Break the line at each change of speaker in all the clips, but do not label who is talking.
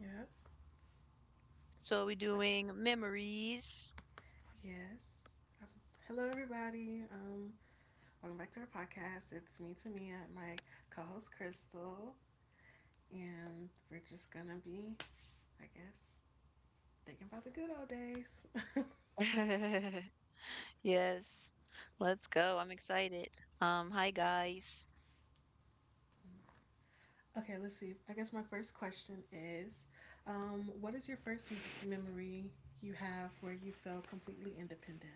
Yep.
So we're
Okay.
doing memories.
Yes. Um, Hello, everybody. Welcome back to our podcast. It's me, Tamia, and my co-host Crystal, and we're just gonna be, I guess, thinking about the good old days.
Yes. Let's go. I'm excited. Hi guys.
Okay, let's see. I guess my first question is, what is your first memory you have where you felt completely independent?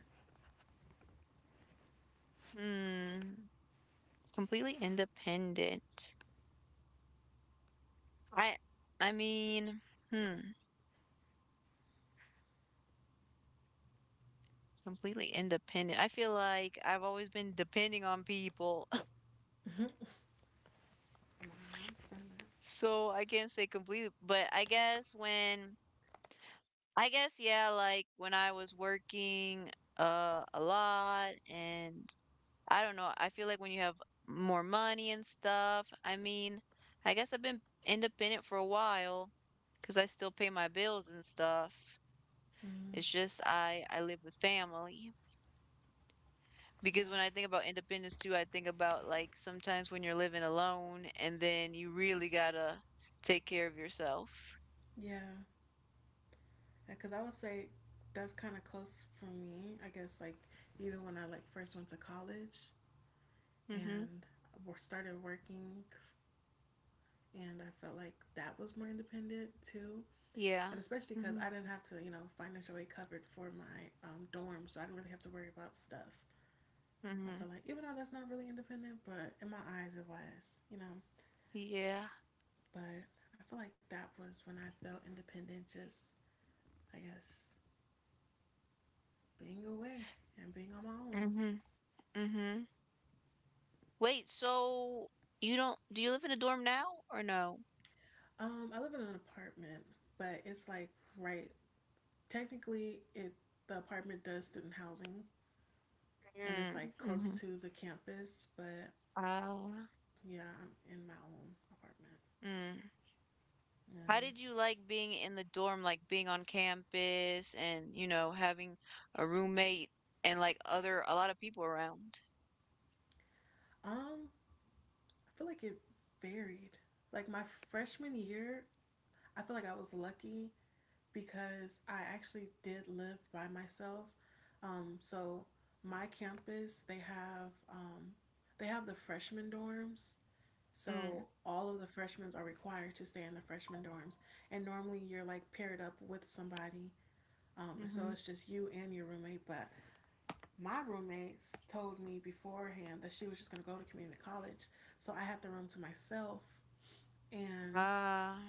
Hmm. Completely independent. I I mean, hmm, completely independent. I feel like I've always been depending on people.
My mom's done that.
So I can't say completely, but I guess yeah, like when I was working a lot. And I don't know, I feel like when you have more money and stuff. I mean, I guess I've been independent for a while because I still pay my bills and stuff.
Mm,
It's just I live with family, because
yeah.
when I think about independence too, I think about like sometimes when you're living alone and then you really gotta take care of yourself.
Yeah. Because I would say that's kind of close for me. I guess like even when I like first went to college
Mm-hmm.
and started working, and I felt like that was more independent too.
Yeah.
And especially because
Mm-hmm.
I didn't have to, financial aid covered for my dorm, so I didn't really have to worry about stuff. I
Mm-hmm.
feel like even though that's not really independent, but in my eyes it was.
Yeah.
But I feel like that was when I felt independent, just I guess being away and being on my own.
Mm-hmm. Mm-hmm. Wait, so you don't, do you live in a dorm now or no?
I live in an apartment, but it's like right. Technically, it the apartment does student housing, and it's like close
Mm-hmm.
to the campus. But
Ah.
yeah, I'm in my own apartment.
Mm.
Yeah.
How did you like being in the dorm, like being on campus and, you know, having a roommate and like other a lot of people around?
Um, I feel like it varied. Like my freshman year, I feel like I was lucky because I actually did live by myself. So my campus, they have the freshman dorms.
Mm,
So all of the freshmen are required to stay in the freshman dorms, and normally you're like paired up with somebody. So
mm-hmm.
it's just you and your roommate. But my roommates told me beforehand that she was just gonna go to community college, so I had the room to myself, and
Ah.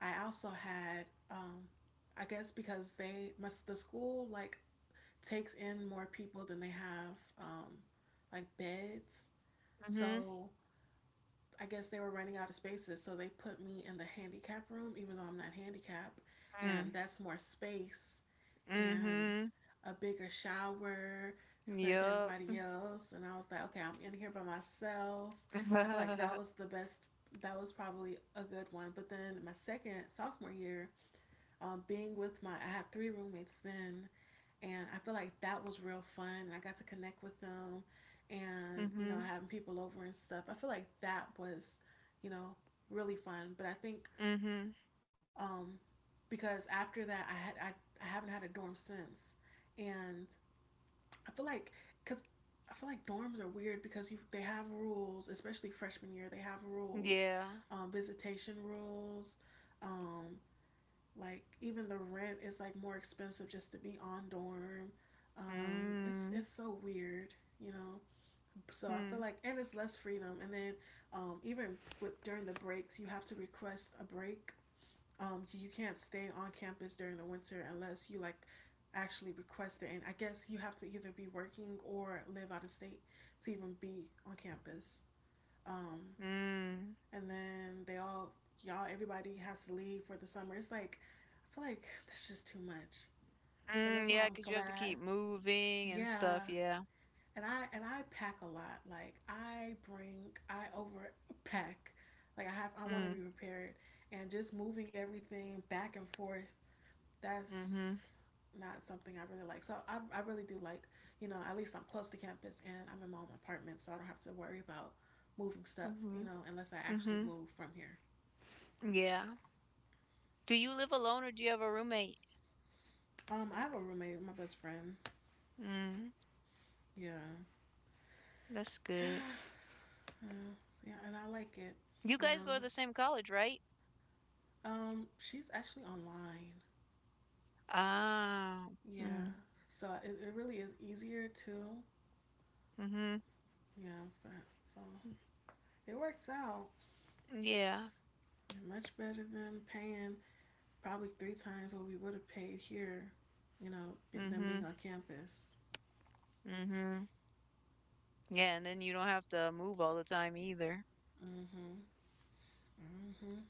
I also had, um, I guess because the school like takes in more people than they have um, like beds,
Mm-hmm.
so I guess they were running out of spaces, so they put me in the handicap room, even though I'm not handicapped, and
Mm,
that's more space and
mm-hmm.
a bigger shower compared to
Yup.
everybody else. And I was like, okay, I'm in here by myself. I feel like that was the best. That was probably a good one. But then my second sophomore year, I had three roommates then, and I feel like that was real fun. And I got to connect with them, and
Mm-hmm.
having people over and stuff. I feel like that was, you know, really fun. But I think
Mm-hmm.
um, because after that, I haven't had a dorm since, and I feel like because I feel like dorms are weird because you they have rules, especially freshman year. They have rules,
Yeah.
visitation rules. Um, like even the rent is like more expensive just to be on dorm. Um, it's
Mm.
it's so weird, you know. So I feel
Mm.
like and it's less freedom. And then even with during the breaks, you have to request a break. You can't stay on campus during the winter unless you like actually request it. And I guess you have to either be working or live out of state to even be on campus. Um,
Mm.
and then they all y'all everybody has to leave for the summer. It's like I feel like that's just too much. So that's why
Mm,
I'm
cause you have to
glad.
keep moving and
Yeah.
stuff, yeah.
And I pack a lot. Like I over pack. Like I want to be
Mm,
prepared and just moving everything back and forth.
mm-hmm.
That's not something I really like. So I really do like, at least I'm close to campus and I'm in my own apartment, so I don't have to worry about moving stuff,
Mm-hmm.
you know, unless I actually
Mm-hmm.
move from here.
Yeah. Do you live alone or do you have a roommate?
I have a roommate, my best friend.
Mm,
Yeah.
that's good.
So yeah, and I like it,
You
you
guys go to
know.
the same college, right?
She's actually online.
Ah,
Yeah.
mm,
So it really is easier too.
mm-hmm.
Yeah, but so it works out
Yeah.
much better than paying probably three times what we would have paid here, you know, than
Mm-hmm.
being on campus.
Mm-hmm. Yeah, and then you don't have to move all the time either.
Mhm. Mhm.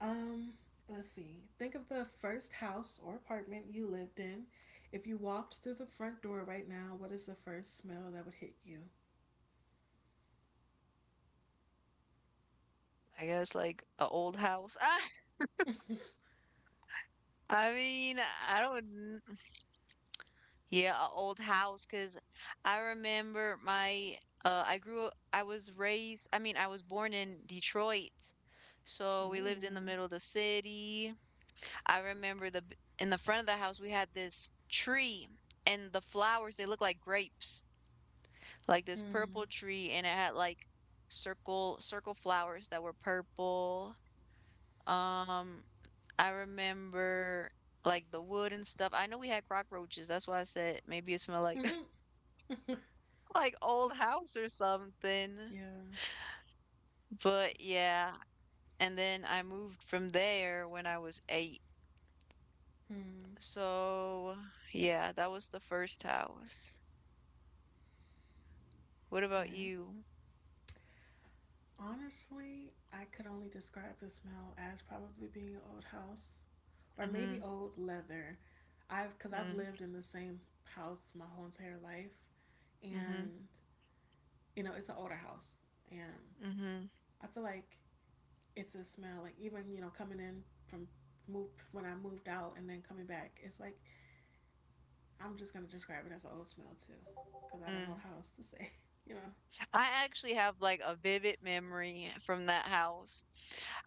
Um, let's see. Think of the first house or apartment you lived in. If you walked through the front door right now, what is the first smell that would hit you?
I guess like a old house. Ah, I mean, I don't. Yeah, a old house. Cause I remember my. I grew up. I was raised. I mean, I was born in Detroit, so we lived in the
Mm.
middle of the city. I remember in the front of the house we had this tree, and the flowers they look like grapes. Like this purple tree, and it had like circle flowers that were purple. Um I remember like the wood and stuff. I know we had cockroaches. That's why I said maybe it smelled like
Hmm.
like old house or something.
Yeah.
But yeah, and then I moved from there when I was 8.
Hmm.
So, yeah, that was the first house. What about
Okay.
you?
Honestly, I could only describe the smell as probably being an old house or maybe
Mhm.
old leather. I've because I've
Mm.
lived in the same house my whole entire life,
Mhm.
and you know it's an older house, and
Mhm.
I feel like it's a smell. Like even coming in from move when I moved out and then coming back, it's like I'm just gonna describe it as an old smell too, because I don't know
Mm.
how else to say. You know.
I actually have like a vivid memory from that house.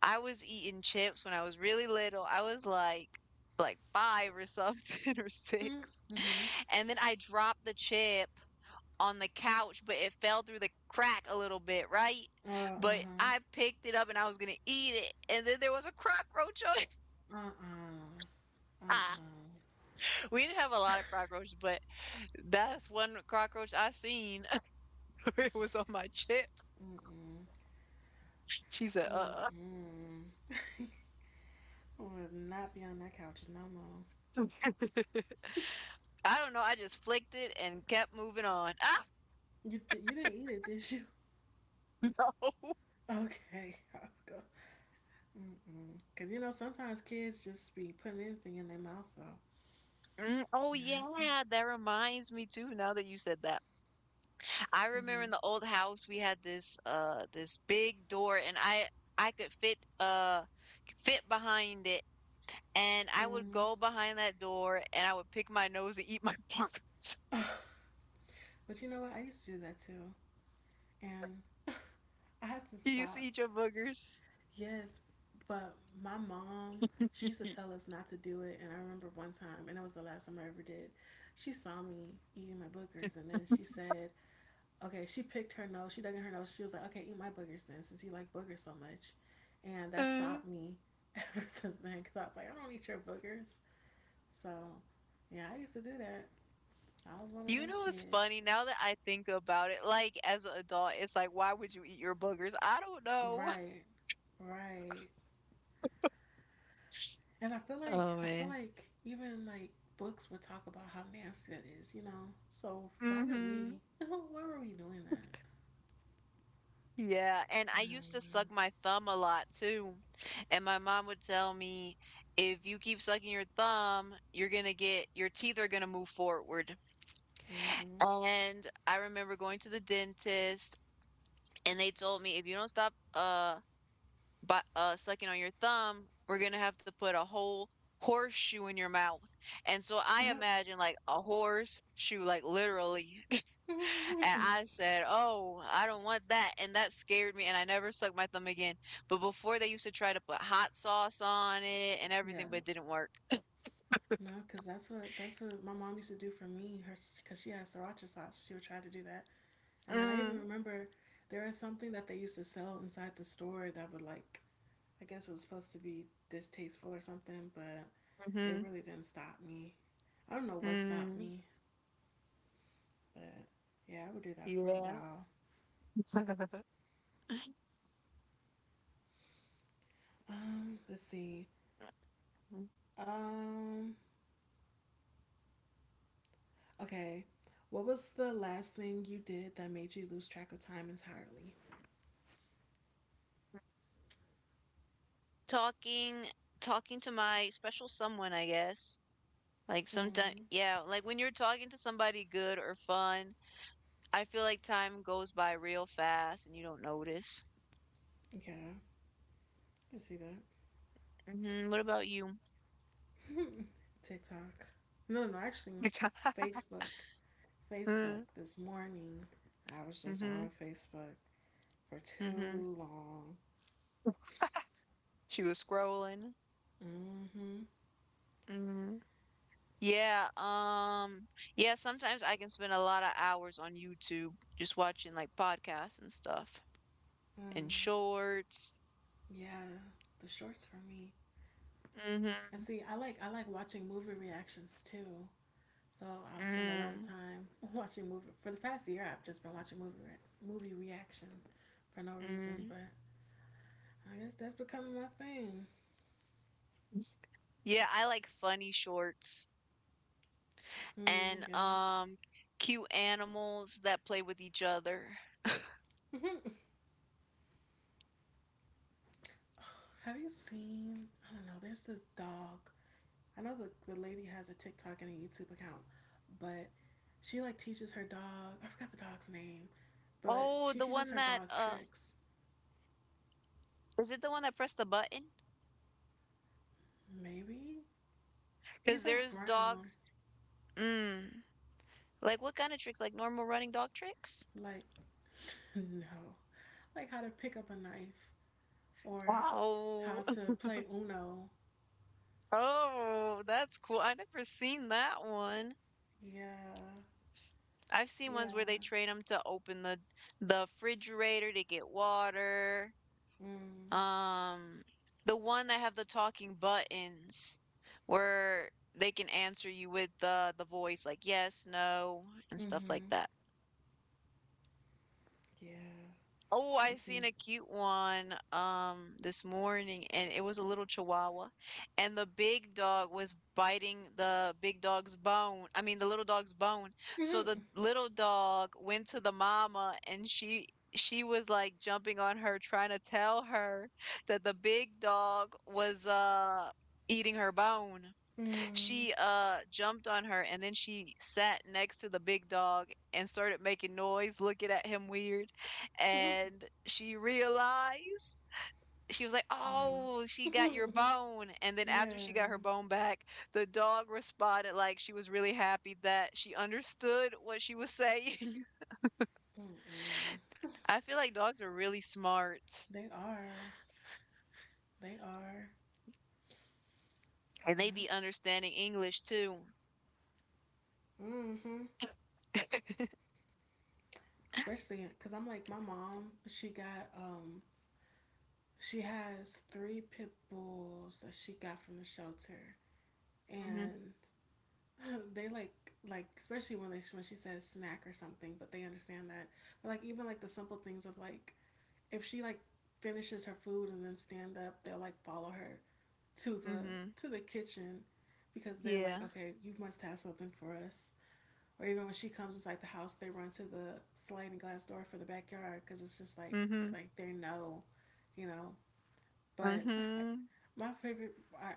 I was eating chips when I was really little. I was like 5 or something or 6.
Mm-hmm.
And then I dropped the chip on the couch, but it fell through the crack a little bit, right? But
Uh-huh.
I picked it up and I was going to eat it. And then there was a cockroach on it.
Uh. Uh
Ah,
uh.
we didn't have a lot of cockroaches, but that's one cockroach I seen where it was on my chip.
Mm-mm.
She said,
Mm-mm. I would not be on that couch no more.
uh I don't know. I just flicked it and kept moving on. Ah!
You didn't eat it, did you? Okay, I'll go. Mm-mm. Cause you know sometimes kids just be putting anything in their mouth, though.
Mm, oh,
You have to.
yeah. That reminds me, too, now that you said that. I remember
Mm-hmm.
in the old house, we had this, this big door, and I could fit behind it. And I would
Mm.
go behind that door and I would pick my nose and eat my boogers.
But you know what? I used to do that too. And I had to
You used to
stop.
eat your boogers?
Yes, but my mom, she used to tell us not to do it. And I remember one time, and it was the last time I ever did, she saw me eating my boogers. And then she said, okay, she picked her nose. She dug in her nose. She was like, okay, eat my boogers then, since you like boogers so much. And that
uh,
stopped me ever since then because I was like, I don't eat your boogers. So, yeah, I used to do that. I was one of
You
them
know what's
kids.
funny? Now that I think about it, like as an adult, it's like, why would you eat your boogers? I don't know.
Right. Right. And I feel like
Oh
I feel
man.
like even like books would talk about how nasty that is. So why did
Hmm.
we? Why were we doing that?
Yeah, and
I
I used to suck my thumb a lot too. And my mom would tell me, if you keep sucking your thumb, you're gonna get your teeth are gonna move forward.
don't
And I remember going to the dentist, and they told me if you don't stop but sucking on your thumb, we're gonna have to put a whole horseshoe in your mouth. And so I imagine like a horseshoe, like literally.
know.
And
Hmm.
I said, oh, I don't want that. And that scared me. And I never sucked my thumb again. But before they used to try to put hot sauce on it and
Yeah.
everything, but it didn't work.
No, because that's what my mom used to do for me. Her because she had sriracha sauce, she would try to do that. And then I even
Mm.
remember there was something that they used to sell inside the store that would like I guess it was supposed to be distasteful or something, but it
Mm.
really didn't stop me. I don't know what stopped
Mm,
me. But yeah, I would do that for a
yeah.
while. Let's see. Um, okay. What was the last thing you did that made you lose track of time entirely?
Talking, talking to my special someone, I guess. Like sometimes,
Hmm.
yeah, like when you're talking to somebody good or fun, I feel like time goes by real fast and you don't notice.
Yeah, I can see that.
Hmm. What about you?
TikTok. No, no, actually, Facebook. Facebook. This morning, I was just
Mm-hmm.
on Facebook for
Mm-hmm.
too long.
She was scrolling.
Mm-hmm.
Hmm. Yeah. Yeah. Sometimes I can spend a lot of hours on YouTube, just watching like podcasts and stuff and
Mm.
shorts.
Yeah, the shorts for me. And
Mm-hmm.
see, I like watching movie reactions too. So I'll spend a lot of
Mm-hmm.
time watching movie. For the past year, I've just been watching movie reactions for no reason,
Mm-hmm.
but I guess that's becoming my thing.
Yeah, I like funny shorts,
Mm,
and,
yeah.
cute animals that play with each other.
Have you seen? I don't know. There's this dog. I know the lady has a TikTok and a YouTube account, but she like teaches her dog. I forgot the dog's name, but
Oh,
she
the
teaches
one
her
that,
dog tricks.
is it the one that pressed the button?
Maybe
Because
he's like
there's
brown,
dogs. Mm. Like what kind of tricks? Like normal running dog tricks?
like no, like how to pick up a knife or how
Wow.
to play Uno.
Oh, that's cool. I never seen that one.
Yeah,
I've seen ones where they
yeah.
train them to open the refrigerator to get water.
Mm.
Um, the one that have the talking buttons where they can answer you with the voice like yes, no, and stuff like
Mm-hmm.
that.
Yeah.
Oh, I
I've
seen
seen.
a cute one, this morning, and it was a little chihuahua, and the big dog was biting the big dog's bone. I mean, the little dog's bone. So the
Mm-hmm.
little dog went to the mama, and she was like jumping on her, trying to tell her that the big dog was eating her bone.
Mm.
She, jumped on her, and then she sat next to the big dog and started making noise, looking at him weird.
Mm-hmm.
And she realized, she was like, "Oh,
Right.
she got your
Mm-hmm.
bone." And then after
Yeah.
she got her bone back, the dog responded like she was really happy that she understood what she was saying.
Mm-mm.
I feel like dogs are really smart,
They are. They are.
and they
Yeah.
be understanding English too.
Mm-hmm. Especially because I'm like my mom. She has three pit bulls that she got from the shelter,
Mhm.
and they like especially when she says snack or something, but they understand that. But like even like the simple things of like if she like finishes her food and then stand up, they'll like follow her to the
Mhm.
to the kitchen because they're
Yeah.
like, okay, you must have something for us. Or even when she comes inside the house, they run to the sliding glass door for the backyard because it's just like
Mhm.
like they know. But I,
Mhm.
my favorite, I,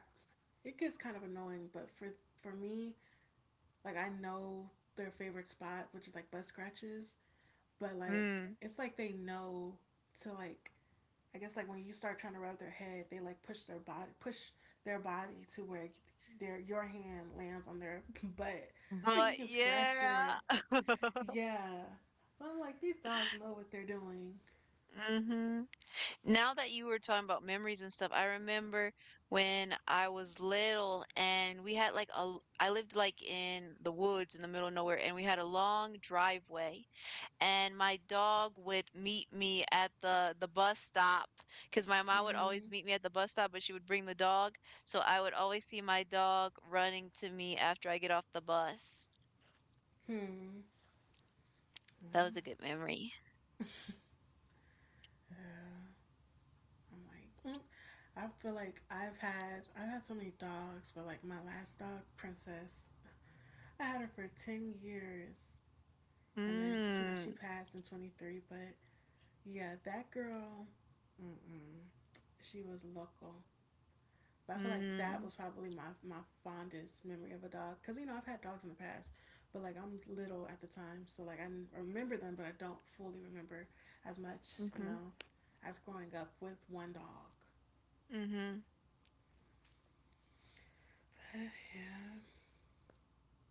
it gets kind of annoying. But for me, like I know their favorite spot, which is like butt scratches, but like
Mm.
it's like they know to like I guess like when you start trying to rub their head, they like push their body to where their your hand lands on their butt, so
But
you can scratch
yeah.
it. Yeah, I'm like these dogs know what they're doing.
Hmm. Now that you were talking about memories and stuff, I remember when I was little and we had like I lived like in the woods in the middle of nowhere, and we had a long driveway, and my dog would meet me at the bus stop, because my mom would always
Mm.
meet me at the bus stop, but she would bring the dog. So I would always see my dog running to me after I get off the bus.
Hmm.
That was
Yeah.
a good memory.
I'm like, mm. I feel like I've had so many dogs, but like my last dog, Princess, I had her for 10 years. And then,
Mm.
she passed in 23. But yeah, that girl, mm-mm, she was local. But I feel like that
Mm.
was probably my fondest memory of a dog. Because, I've had dogs in the past. But, like, I'm little at the time. So, like, I remember them, but I don't fully remember as much, you
Mhm,
know, as growing up with one dog.
mhm.
But, yeah.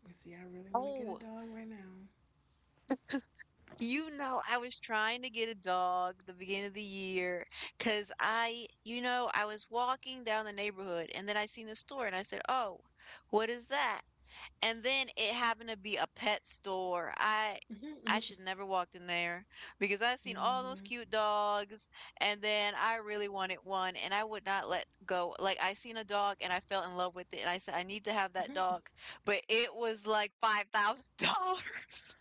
You see, I really want to get a
Oh,
dog right now.
you know, I was trying to get a dog the beginning of the year, cause you know, I was walking down the neighborhood, and then I seen the store and I said, "Oh, what is that?" And then it happened to be a pet store. I
Hmm.
I should never walked in there because I seen all those
Hmm.
cute dogs, and then I really wanted one and I would not let go. Like I seen a dog and I fell in love with it, and I said I need to have that dog, but it was like $5,000.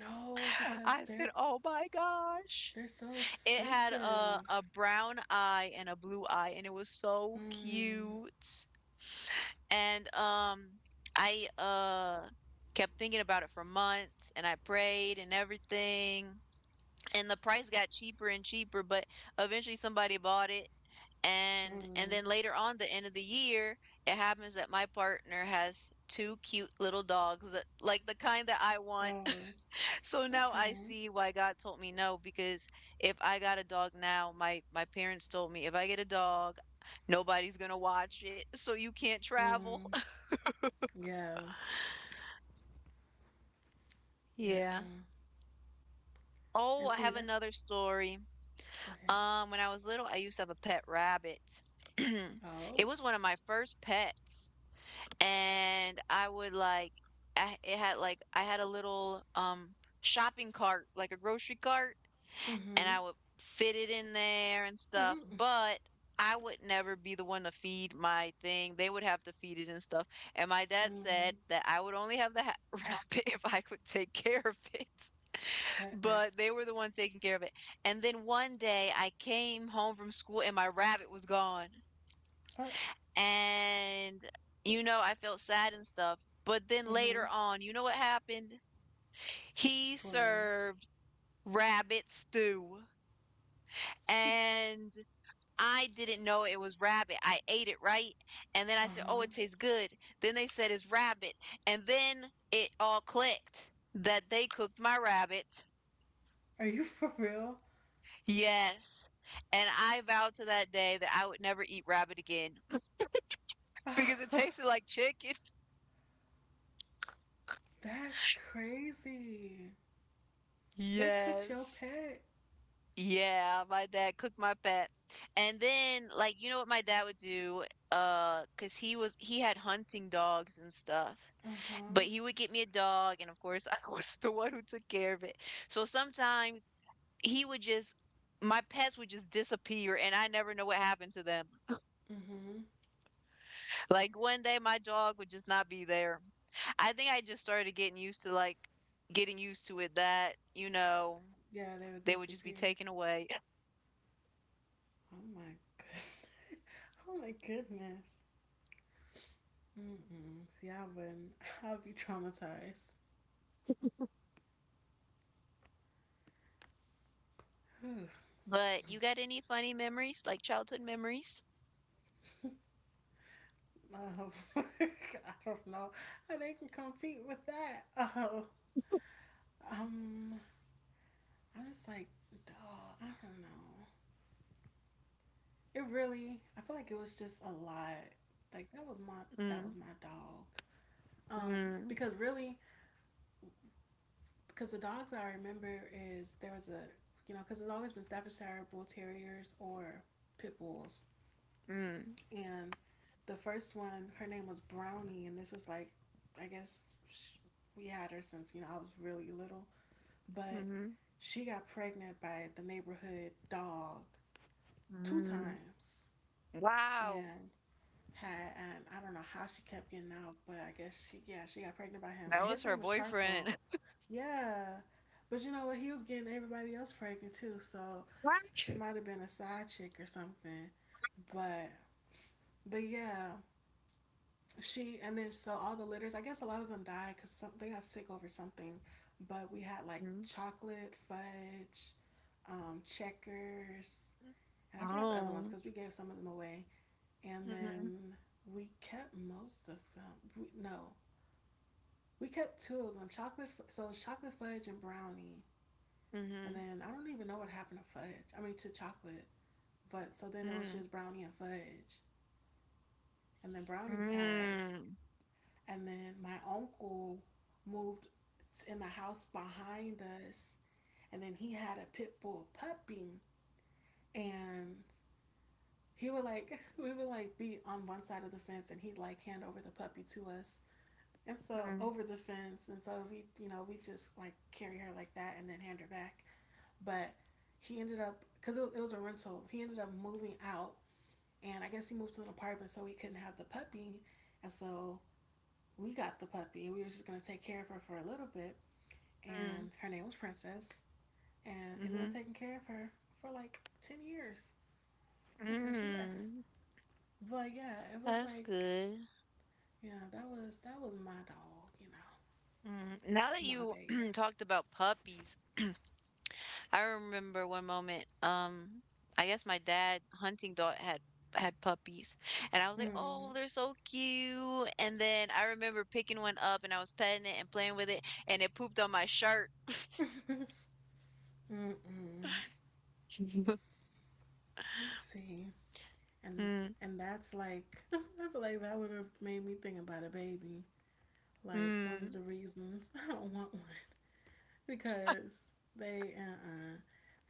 No, because
I said,
they're
"Oh my gosh."
They're so
It had a
expensive.
brown eye and a blue eye and it was so
Mm,
cute. And I kept thinking about it for months, and I prayed and everything. And the price got cheaper and cheaper, but eventually somebody bought it. And
mm.
then later on the end of the year, it happens that my partner has two cute little dogs, that- like the kind that I want.
Oh,
So now I
okay.
see why God told me no, because if I got a dog now, my parents told me if I get a dog, nobody's gonna watch it, so you can't travel.
Mm, yeah, yeah.
Yeah. Oh,
And
I
see,
have
that's.
another story.
Go ahead.
When I was little, I used to have a pet rabbit. It
Oh.
was one of my first pets, and I would like I, it had like I had a little shopping cart, like a grocery cart, and
Mm-hmm.
I would fit it in there and stuff,
Mm-hmm.
but I would never be the one to feed my thing. They would have to feed it and stuff. And my dad said
Mm.
that I would only have the ha rabbit if I could take care of it.
Uh, uh,
But they were the ones taking care of it. And then one day I came home from school and my rabbit was gone.
uh,
And, you know, I felt sad and stuff. But then later
mm-hmm.
on, you know what happened? He
Boy.
served rabbit stew.
He.
And I didn't know it was rabbit. I ate it, right? And then I said, oh,
Uh-huh.
it tastes good. Then they said it's rabbit. And then it all clicked that they cooked my rabbit.
Are you for real?
Yes, and I vowed to that day that I would never eat rabbit again because it tasted like chicken.
That's crazy. They cooked your
Yes.
pet.
Yeah, my dad cooked my pet. And then like you know what my dad would do? 'Cause he had hunting dogs and stuff.
Uh-huh.
But he would get me a dog and of course I was the one who took care of it. So sometimes he would just my pets would just disappear and I never know what happened to them.
Mm-hmm.
Like one day my dog would just not be there. I think I just started getting used to it that,
Yeah, they would
they would just be
disappear.
taken away.
Oh my goodness. Oh my goodness. Mm-mm. See, I have been, I'd be traumatized. um,
But you got any funny memories, like childhood memories?
I don't know how they can compete with that. Oh, I'm just like, dog. I don't know. It really. I feel like it was just a lot. Like that was my that was
Mm,
my dog. Um,
mm,
because really, because the dogs I remember is there was a because it's always been Staffordshire Bull Terriers or Pit Bulls.
mm,
And the first one, her name was Brownie, and this was like, I guess sh we had her since I was really little, but
mm,
she got pregnant by the neighborhood dog two
mm.
times,
Wow,
and had and I don't know how she kept getting out, but I guess she got pregnant by him,
that
and
was
his
her
name was Charcoal.
boyfriend.
Yeah, but you know what? He was getting everybody else pregnant too, so she
What?
might have been a side chick or something. But but yeah, she and then so all the litters, I guess a lot of them died because some they got sick over something, but we had like
Mm.
Chocolate Fudge, Checkers, and I forgot the other ones
Oh.
because we gave some of them away. And
Mm-hmm.
then we kept most of them, we, no, we kept two of them chocolate, so it was Chocolate Fudge and Brownie. And
Mm-hmm.
then I don't even know what happened to Fudge, I mean to Chocolate, but so then it was
Mm.
just Brownie and Fudge, and then Brownie passed.
Mm.
And then my uncle moved in the house behind us. And then he had a pit bull puppy. And he would like, we would like be on one side of the fence, and he'd like hand over the puppy to us. And so
Mm.
over the fence. And so we just like carry her like that and then hand her back. But he ended up, because it, was a rental, he ended up moving out. And I guess he moved to an apartment so he couldn't have the puppy. And so we got the puppy. We were just going to take care of her for a little bit.
Mm.
And her name was Princess, and ended up
Mm.
taking care of her for like 10 years until she left.
Mm.
But yeah, it was
That's
like
good.
yeah, that was my dog, you know,
Mm, now that
my
you
baby.
talked about puppies, I remember one moment, I guess my dad hunting dog had puppies, and I was like, "Oh,
Mm.
they're so cute." And then I remember picking one up, and I was petting it and playing with it, and it pooped on my shirt.
Mm-mm. See, and
Mm,
and that's like I feel like that would have made me think about a baby. Like one of
mm,
the reasons I don't want one because they uh uh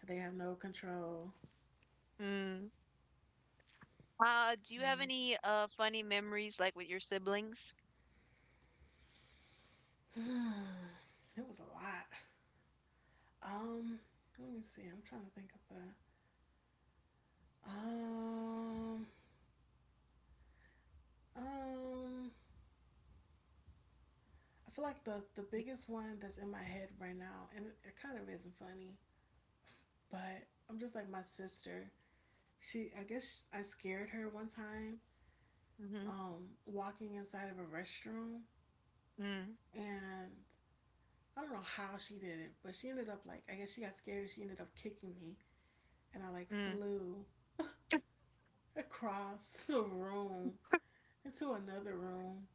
they have no control.
mm. Do you have
Mm.
any funny memories like with your siblings?
It was a lot. Um, let me see. I'm trying to think of that. Um, um, I feel like the biggest one that's in my head right now, and it kind of isn't funny, but I'm just like my sister. She, I guess I scared her one time,
Mm-hmm.
walking inside of a restroom,
Mm,
and I don't know how she did it, but she ended up like I guess she got scared and she ended up kicking me, and I like
mm,
flew across the room into another room.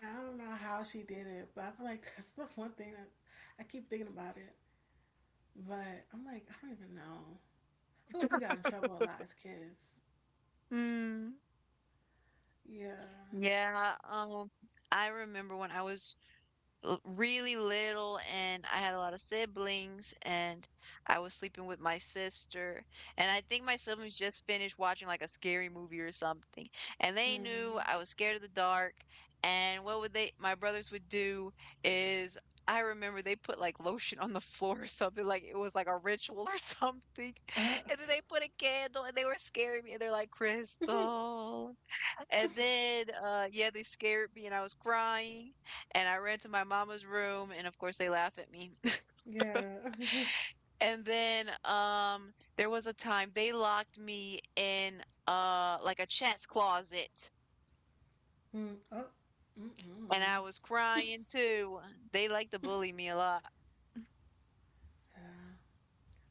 I don't know how she did it, but I feel like that's the one thing that I keep thinking about it. But I'm like, I don't even know. I feel like we got in trouble a lot as kids.
mm.
Yeah.
Yeah, I remember when I was really little and I had a lot of siblings and I was sleeping with my sister, and I think my siblings just finished watching like a scary movie or something, and they knew
Hmm.
I was scared of the dark. And what would they my brothers would do is, I remember they put like lotion on the floor or something, like it was like a ritual or something,
Uh.
and then they put a candle and they were scaring me, and they're like, Crystal. And then, yeah, they scared me and I was crying. And I ran to my mama's room, and of course, they laugh at me.
Yeah.
And then, there was a time they locked me in, like a chest closet,
Hmm. Oh.
and
Mm-mm.
I was
Yeah.
crying too. They like to bully me a lot.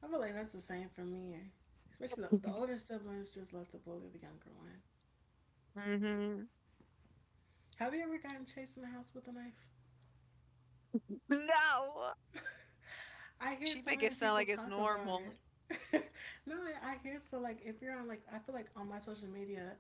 I feel like that's the same for me. Especially the older siblings just love to bully the younger one.
Hmm.
Have you ever gotten chased in the house with a knife?
No,
I hear
she
so
make it
many
sound
people
like it's
talk about
normal.
it. No, I hear so like if you're on like I feel like on my social media,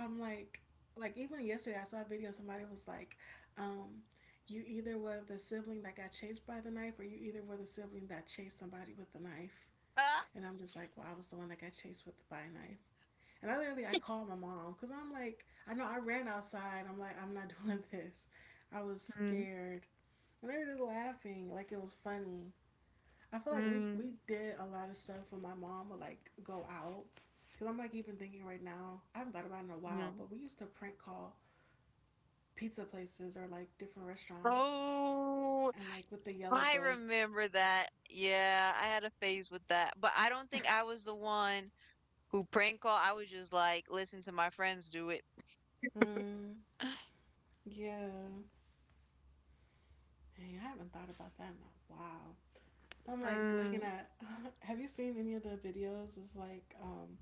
I'm like even yesterday I saw a video, somebody was like, um, you either were the sibling that got chased by the knife or you either were the sibling that chased somebody with the knife.
Ah.
And I'm just like, well, I was the one that got chased with by a knife. And I literally I called my mom because I'm like, I know I ran outside. I'm like, I'm not doing this. I was
Mm,
scared. And they were just laughing like it was funny. I feel like we
mm,
we did a lot of stuff when my mom would like go out. Cause I'm like even thinking right now, I haven't thought about it in a while,
mm.
but we used to prank call pizza places or like different restaurants
Oh,
and like with the yellow
I
book.
remember that. Yeah, I had a phase with that, but I don't think I was the one who prank call. I was just like, listen to my friends do it.
Hmm. Yeah, hey, I haven't thought about that in a while. I'm like looking
Mm,
at. Have you seen any of the videos? It's like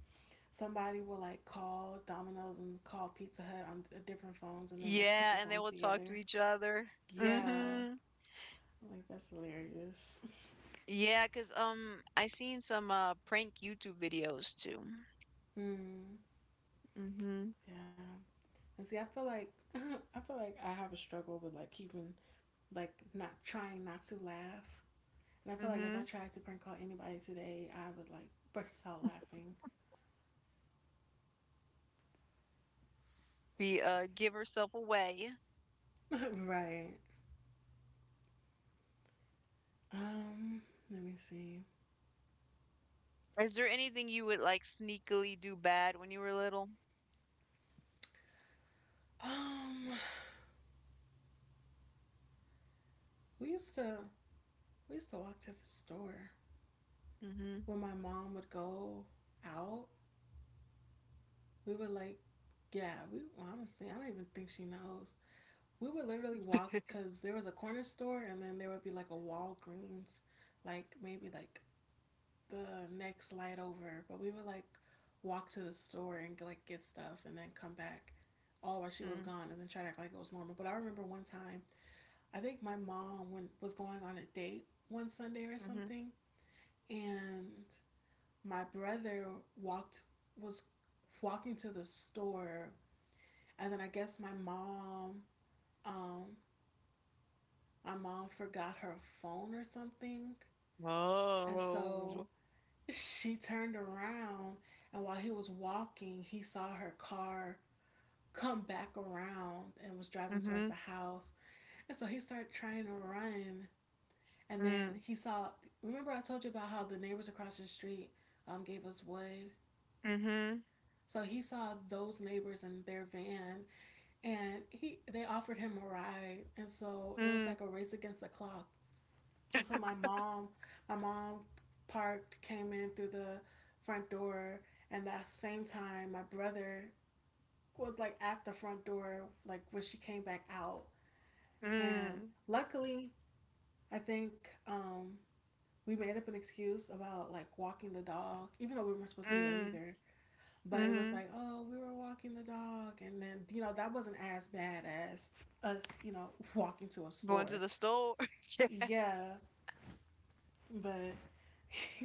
somebody will like call Domino's and call Pizza Hut on different phones and then like put
yeah,
the
and they
phones
will talk to
together.
each other.
Yeah,
Mm-hmm.
like that's hilarious.
Yeah, 'cause I seen some prank YouTube videos too.
Mm,
Mm-hmm.
yeah. And see, I feel like I feel like I have a struggle with like keeping like not trying not to laugh. And I feel like if
Mm-hmm.
I tried to prank call anybody today, I would like burst out laughing.
The give herself away.
Right. Um. Let me see.
Is there anything you would like sneakily do bad when you were little?
Um. We used to we used to walk to the store
Mm-hmm.
when my mom would go out. We would like, yeah. We honestly, I don't even think she knows, we would literally walk because there was a corner store, and then there would be like a Walgreens, like maybe like the next light over. But we would like walk to the store and like get stuff and then come back all while she was
Mm,
gone and then try to act like it was normal. But I remember one time, I think my mom went, was going on a date one Sunday or
mhm.
something, and my brother walked was walking to the store, and then I guess um, my mom forgot her phone or something. And so
Oh.
she turned around, and while he was walking, he saw her car come back around and was driving towards the
Mhm,
house. And so he started trying to run. And then
mm,
he saw, remember I told you about how the neighbors across the street gave us wood?
mhm,
So he saw those neighbors in their van, and he they offered him a ride. And so it was
mm,
like a race against the clock. And so my mom parked, came in through the front door, and that same time, my brother was like at the front door, like when she came back out. And
mm,
luckily, I think we made up an excuse about like walking the dog, even though we weren't supposed to do that
mm,
either. But it was
mhm.
like, oh, we were walking the dog, and then you know that wasn't as bad as us, walking to a
Going to
store.
the store. Yeah.
Yeah, but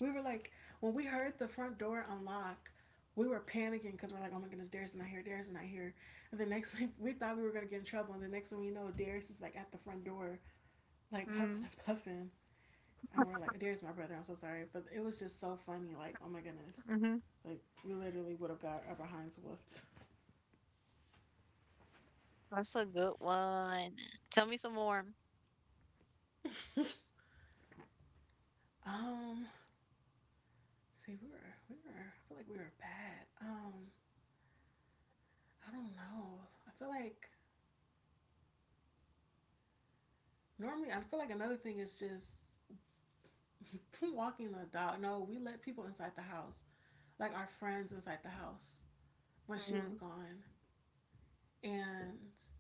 we were like, when we heard the front door unlock, we were panicking because we're like, oh my goodness, Darius is not here, Darius is not here. And the next thing, we thought we were going to get in trouble. And the next thing we know, Darius is like at the front door, like huffing
Mm,
and puffing. And we're like, Darius, my brother, I'm so sorry. But it was just so funny. Like, oh my goodness.
mhm.
Like, we literally would have got our behinds whooped.
That's a good one. Tell me some more.
um, see, we were, I feel like we were bad. I don't know. I feel like, normally, I feel like another thing is just, from walking the dog. No, we let people inside the house, like our friends inside the house when she was
Mm,
gone. And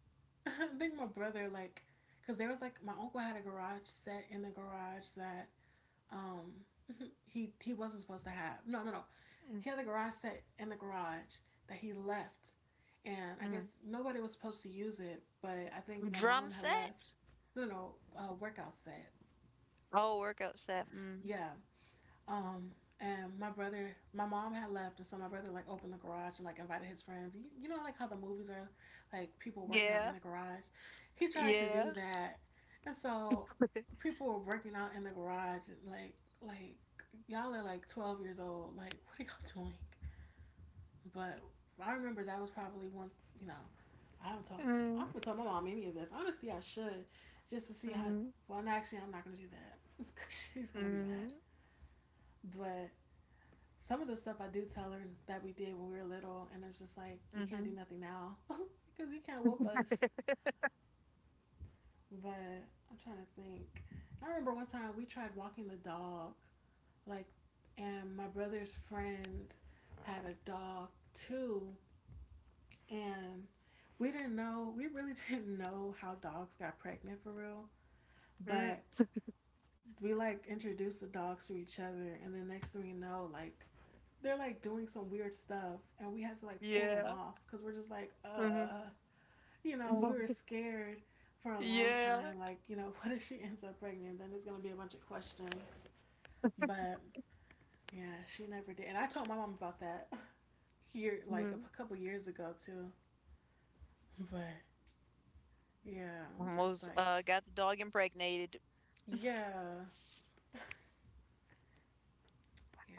I think my brother, like, because there was like, my uncle had a garage set in the garage that, um, he wasn't supposed to have. No, no, no.
mm,
He had the garage set in the garage that he left, and I
mm.
guess nobody was supposed to use it. But I think my
Drum
mom had left.
set?
No, no, workout set.
Oh, workout set. Mm.
Yeah, Um, and my brother, my mom had left, and so my brother like opened the garage and like invited his friends. Like how the movies are, like people working out in
Yeah,
the garage. He tried to do
yeah.
that, and so people were working out in the garage. Like, y'all are like 12 years old. Like, what are y'all doing? But I remember that was probably once. I haven't told I
Mm,
haven't told my mom any of this. Honestly, I should just to see how.
mm,
Well, no, actually, I'm not gonna do that because she's gonna be
mm.
mad. But some of the stuff I do tell her that we did when we were little, and it's just like you can't do
Mhm.
nothing now because you can't whoop us. But I'm trying to think. I remember one time we tried walking the dog, like, and my brother's friend had a dog too, and we didn't know. We really didn't know how dogs got pregnant for real,
Mm.
but we like introduced the dogs to each other, and then next thing we know, like they're like doing some weird stuff and we had to like pull them
Yeah.
off because we're just like
Mhm.
we were scared for a long
Yeah.
time, like, what if she ends up pregnant, then there's gonna be a bunch of questions. But yeah, she never did, and I told my mom about that year, like
Mhm.
a couple years ago too. But yeah, I'm just
Almost
like
got the dog impregnated.
yeah.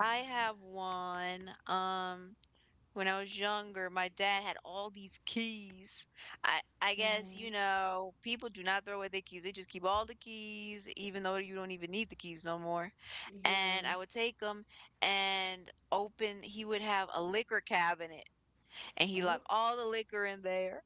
I have one. When I was younger, my dad had all these keys. I guess,
Mm-hmm.
people do not throw away their keys. They just keep all the keys, even though you don't even need the keys no more. And
Yeah.
I would take them and open, he would have a liquor cabinet and he
Oh.
locked all the liquor in there.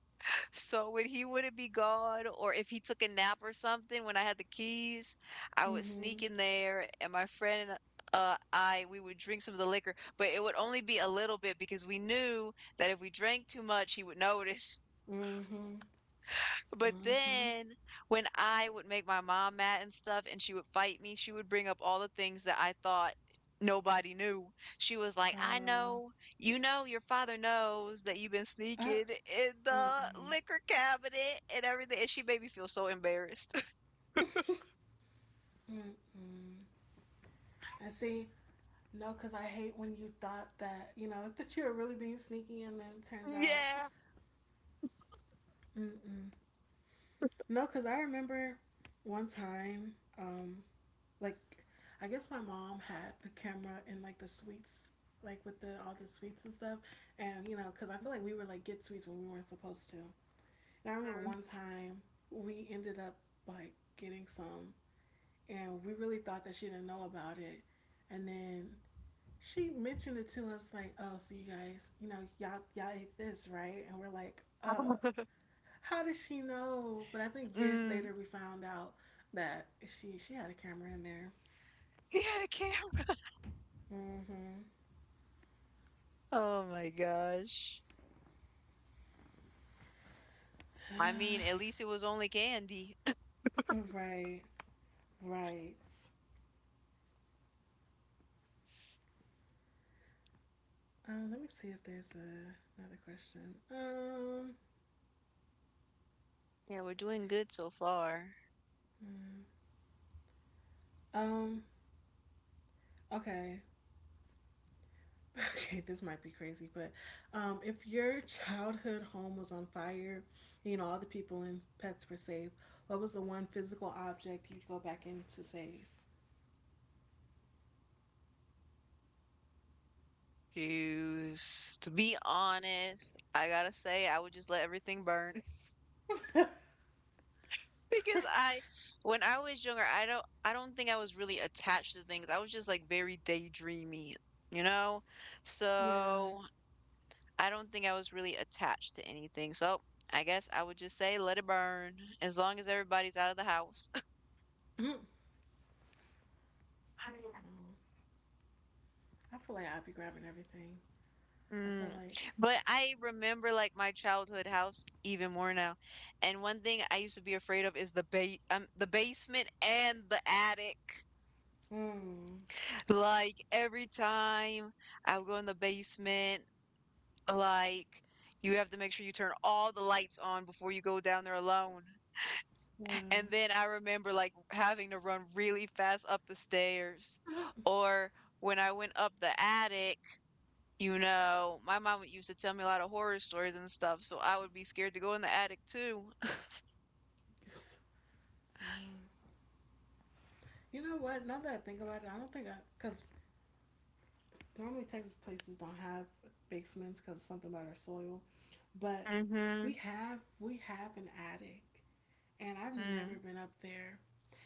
So when he wouldn't be gone, or if he took a nap or something, when I had the keys, I would sneak
Mm-hmm.
in there, and my friend and I, we would drink some of the liquor, but it would only be a little bit because we knew that if we drank too much, he would notice.
Mm-hmm.
But
Mm-hmm.
then when I would make my mom mad and stuff and she would fight me, she would bring up all the things that I thought nobody knew. She was like, I
uh,
know, your father knows that you've been
uh
sneaking in the
mm-mm.
liquor cabinet and everything. And she made me feel so embarrassed.
Mm-mm. And see, no, because I hate when you thought that, you know, that you were really being sneaky and then it turns out.
Yeah.
Mm-mm. No, because I remember one time, um, like, I guess my mom had a camera in, like, the sweets, like, with the all the sweets and stuff. And, you know, because I feel like we were, like, get sweets when we weren't supposed to. And I remember one time we ended up, like, getting some. And we really thought that she didn't know about it. And then she mentioned it to us like, oh, so you guys, you know, y'all ate this, right? And we're like, how does she know? But I think years
Mm.
later we found out that she had a camera in there.
He had a camera.
Mm-hmm.
Oh my gosh. I mean, at least it was only candy.
Right, right. Let me see if there's a, another question.
Yeah, we're doing good so far.
Mm, um, okay. Okay, this might be crazy, but if your childhood home was on fire, you know all the people and pets were safe. What was the one physical object you'd go back in to save?
To to be honest, I gotta say I would just let everything burn because, when I was younger, I don't think I was really attached to things. I was just like very daydreamy, you know?
Yeah,
So I don't think I was really attached to anything. So I guess I would just say let it burn as long as everybody's out of the house.
mm. I feel like I'd be grabbing everything. I feel
Mm.
like,
But I remember like my childhood house even more now. And one thing I used to be afraid of is the ba the basement and the attic.
mm,
Like every time I would go in the basement, like you have to make sure you turn all the lights on before you go down there alone.
yeah.
And
Mm.
then I remember like having to run really fast up the stairs. Or when I went up the attic, you know, my mom used to tell me a lot of horror stories and stuff, so I would be scared to go in the attic too.
Yes. Um, You know what? Now that I think about it, I don't think I, because normally Texas places don't have basements because something about our soil, but
Mm-hmm.
we have an attic, and I've never
Mm.
been up there.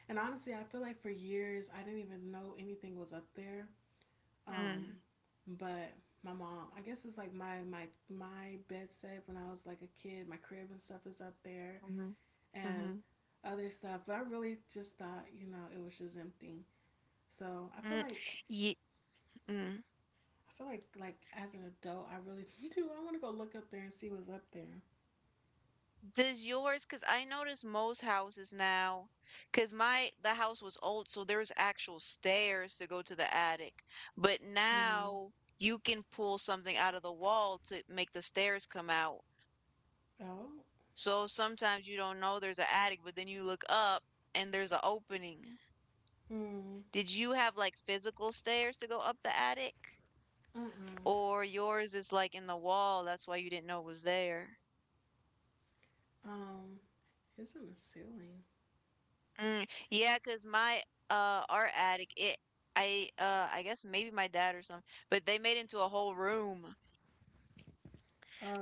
And honestly, I feel like for years I didn't even know anything was up there.
Mm.
Um, but my mom, I guess it's like my bed set when I was like a kid. My crib and stuff is up there,
Mm-hmm. Mm-hmm.
and other stuff. But I really just thought, you know, it was just empty. So
Mm. Ye mm.
I feel like as an adult, I really do. I want to go look up there and see what's up there.
Does yours, because I notice most houses now, because my the house was old, so there's actual stairs to go to the attic. But
Hmm.
now you can pull something out of the wall to make the stairs come out.
Oh.
So sometimes you don't know there's an attic, but then you look up and there's an opening.
Hmm. Mm.
Did you have like physical stairs to go up the attic? Or yours is like in the wall, that's why you didn't know it was there.
Mm. It's in the ceiling.
Mm, yeah, cause my art attic, it I guess maybe my dad or something, but they made into a whole room.
Oh,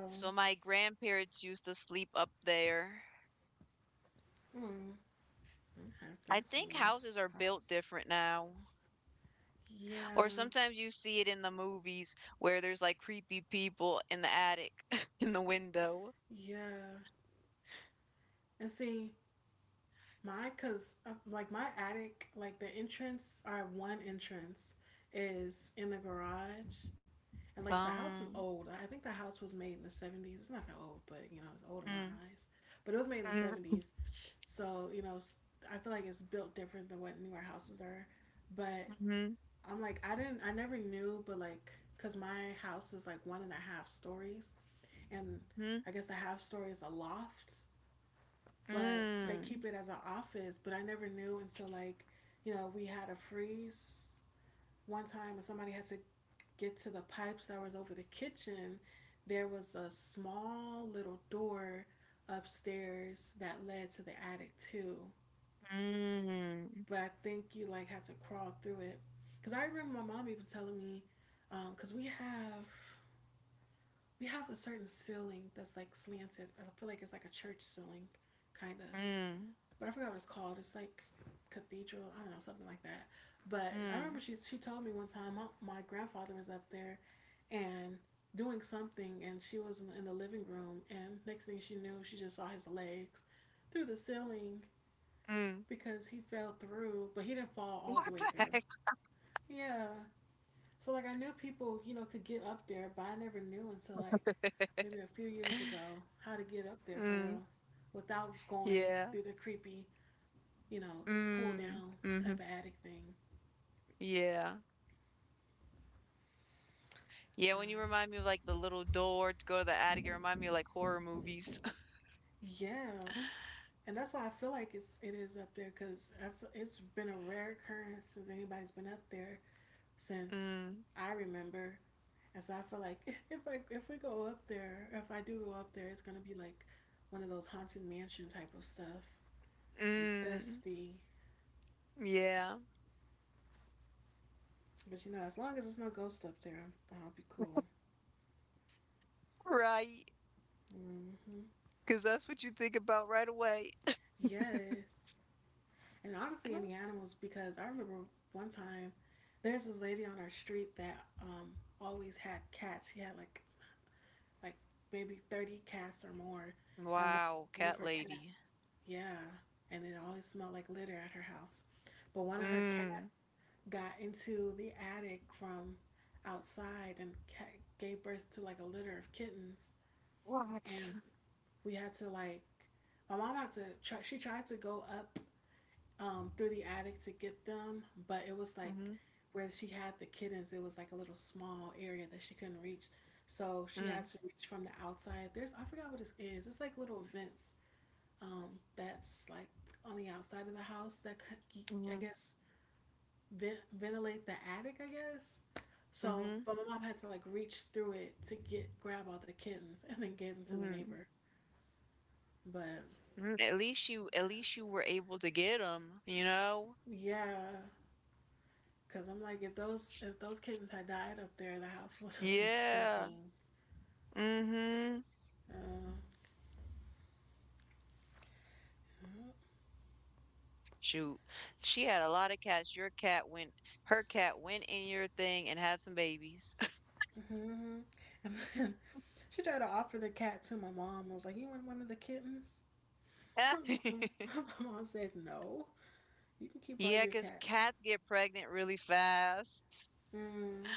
So my grandparents used to sleep up there.
hmm. I had a
I
fancy
think
little
houses are built
house.
different now.
Yeah,
Or sometimes you see it in the movies where there's like creepy people in the attic in the window.
yeah. And see, my, cause like my attic, like the entrance, our one entrance is in the garage. And like the house is
Um,
old. I think the house was made in the 70s. It's not that old, but you know, it's old in my
mm,
eyes. But it was made in the
mm,
70s. So, you know, I feel like it's built different than what newer houses are. But
mhm.
I'm like, I never knew, but like, cause my house is like one and a half stories, and
Mhm.
I guess the half story is a loft, but they keep
Mm,
it as an office. But I never knew until like, you know, we had a freeze one time, and somebody had to get to the pipes that was over the kitchen. There was a small little door upstairs that led to the attic too.
mm,
But I think you like had to crawl through it. Cause I remember my mom even telling me, because cause we have a certain ceiling that's like slanted. I feel like it's like a church ceiling, kind of.
mm,
But I forgot what it's called. It's like cathedral. I don't know, something like that. But I remember
mm,
she told me one time my grandfather was up there, and doing something, and she was in the living room, and next thing she knew, she just saw his legs through the ceiling
mm.
because he fell through, but he didn't fall all
What
the way
the
through.
heck?
Yeah. So like I knew people, you know, could get up there, but I never knew until like maybe a few years ago how to get up there for
Mm,
real without going
yeah.
through the creepy, you know, pull
Mm,
down type
mhm.
of attic thing.
Yeah. Yeah, when you remind
Uh,
me of like the little door to go to the attic, you remind me of like horror movies.
yeah. And that's why I feel like it is up there because it's been a rare occurrence since anybody's been up there since
Mm,
I remember, and so I feel like if we go up there, if I do go up there, it's gonna be like one of those haunted mansion type of stuff. And
mm,
dusty.
yeah.
But you know, as long as there's no ghost up there, I'll be cool.
Right.
Hmm.
Because that's what you think about right away.
Yes. And honestly, any animals, because I remember one time there's this lady on our street that always had cats. She had like maybe 30 cats or more. And one
Wow,
one of
cat
her
lady.
cats, yeah. And it always smelled like litter at her house. But one of her cats
Mm.
got into the attic from outside and gave birth to like a litter of kittens. And
What?
we had to like my mom had to try she tried to go up through the attic to get them, but it was like
Mm-hmm.
where she had the kittens it was like a little small area that she couldn't reach, so she had
Mm.
to reach from the outside. There's, I forgot what it is, it's like little vents, um that's like on the outside of the house that c- I
Mm-hmm.
guess ventilate the attic, I guess. So but my mom had to like reach through it to get grab all the kittens and then give them to the
Mm-hmm.
neighbor. But
Mm, at least you were able to get them, you know?
yeah, because I'm like, if those kittens had died up there, the house would have been
Yeah.
stinking.
Mm-hmm.
Uh, mhm.
Shoot. She had a lot of cats. Her cat went in your thing and had some babies.
And then she tried to offer the cat to my mom. I was like, you want one of the kittens? My mom said, no, you can keep all
Yeah,
your
'cause
cats.
cats get pregnant really fast.
Mm.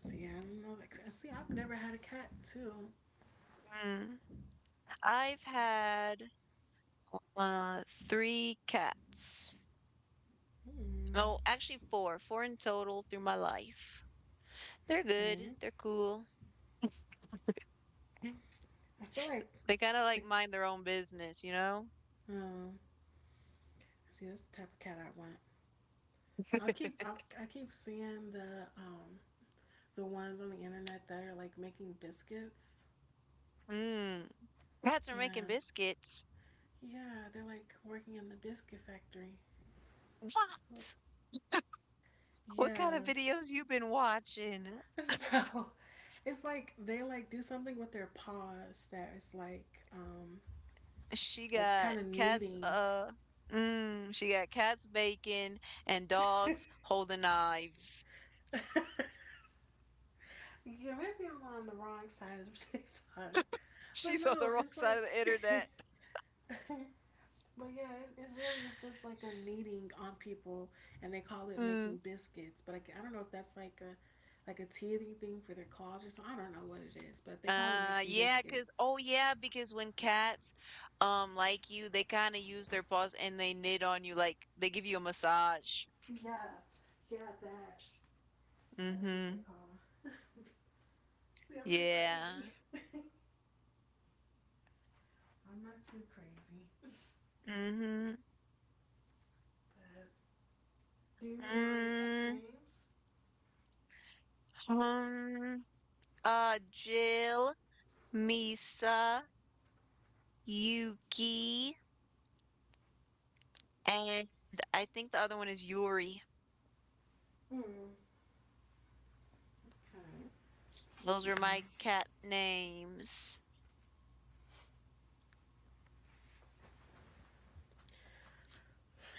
So yeah, I don't know. Like, see, I've never had a cat too.
Mm. I've had uh three cats.
Mm.
Oh, actually four in total through my life. They're good.
Okay,
They're cool.
I feel like
They kind of like
the
mind their own business, you know?
um. See, that's the type of cat I want. I keep seeing the ones on the internet that are like making biscuits.
Mm, cats are making
And
biscuits.
yeah, they're like working in the biscuit factory.
What? What kind of
Yeah.
videos you been watching?
No. It's like they like do something with their paws that is um
She
like
got
kind of
cats,
kneading.
uh, she got cats baking and
Yeah,
dogs holding knives.
maybe I'm on the wrong side of TikTok. But
She's on the
no,
wrong
it's
side of
like
the internet.
But yeah, it's really it's just like they're kneading on people, and they call it making
Mm.
biscuits. But I don't know if that's like a teething thing for their claws or something. I don't know what it is, but they call it making
Yeah,
biscuits.
oh, yeah, because when cats, like you, they kind of use their paws and they knit on you, like they give you a massage.
Yeah, yeah, that that's what they
Mm-hmm.
call. See, I'm not
Yeah.
crazy. I'm not too crazy.
Mm-hmm.
But do you remember all your cats'
Mm.
names?
Um, Jill, Misa, Yuki, and I think the other one is Yuri.
Mm. Alright.
Those
Keep
are my cat names.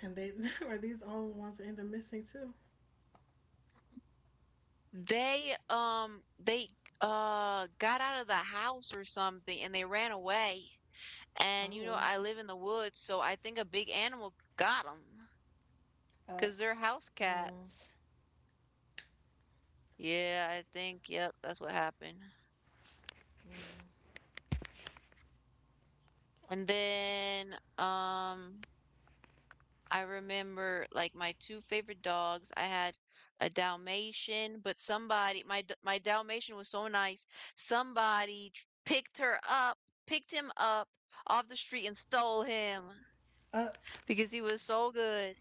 going. And they are these all the ones that end up missing too.
They got out of the house or something and they ran away. And
Oh,
I live in the woods, so I think a big animal got them
uh,
because they're house
um,
cats. Yeah, I think, yep, that's what happened. And then I remember like my two favorite dogs. I had a Dalmatian, but my Dalmatian was so nice. Somebody picked him up off the street and stole him
uh,
because he was so good.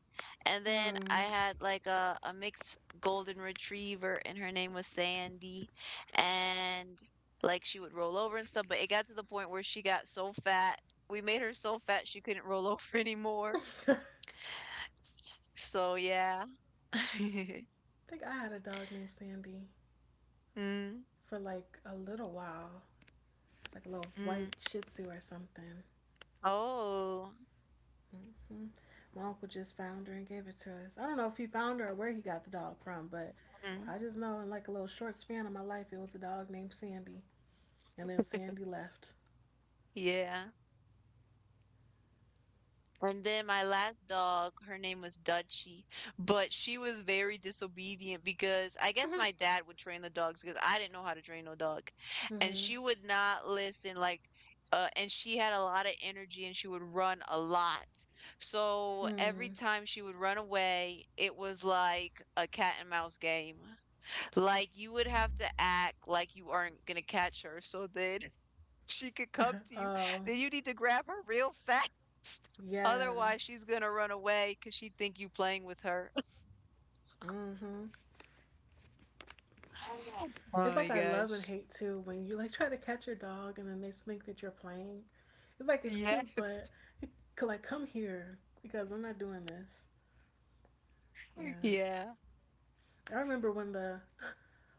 And then I
hmm.
had like a mixed golden retriever and her name was Sandy, and like she would roll over and stuff, but it got to the point where she got so fat. We made her so fat she couldn't roll over anymore. So, yeah.
I think I had a dog named Sandy
Mm,
for like a little while. It's like a little
mm.
white Shih Tzu or something.
Oh,
Hmm. My uncle just found her and gave it to us. I don't know if he found her or where he got the dog from, but
mm,
I just know in like a little short span of my life, it was a dog named Sandy, and then Sandy left.
yeah. And then my last dog, her name was Dutchie, but she was very disobedient because I guess my dad would train the dogs because I didn't know how to train no dog. And
Mm-hmm.
she would not listen, like, and she had a lot of energy and she would run a lot. So every
Hmm.
time she would run away, it was like a cat and mouse game. Like, you would have to act like you aren't gonna catch her, so then she could come to you.
Oh
Then you need to grab her real fast.
yeah.
Otherwise, she's gonna run away because she think you playing with her.
Mm-hmm.
Oh
It's
my
like I love and
gosh.
hate too when you like try to catch your dog and then they think that you're playing. It's like it's cute,
Yes.
but it could like come here because I'm not doing this. Yeah,
Yeah.
I remember when the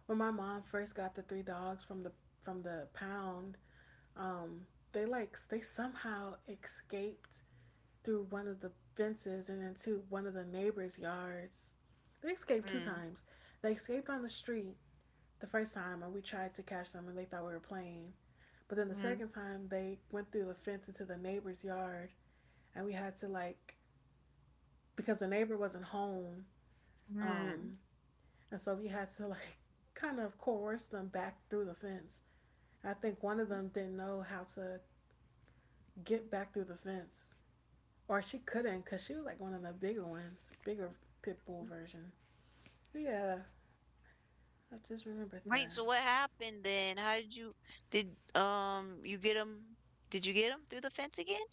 when my mom first got the three dogs from the pound. Um, they like they somehow escaped through one of the fences and into one of the neighbors' yards. They escaped two
Mm,
times. They escaped on the street the first time, and we tried to catch them, and they thought we were playing. But then the
mm,
second time they went through the fence into the neighbor's yard and we had to because the neighbor wasn't home,
mm.
um, and so we had to like kind of coerce them back through the fence. I think one of them didn't know how to get back through the fence, or she couldn't because she was like one of the bigger ones, bigger pit bull version. But yeah, I just remembered
Wait,
that.
so what happened then? How did you get him? Did you get him through the fence again?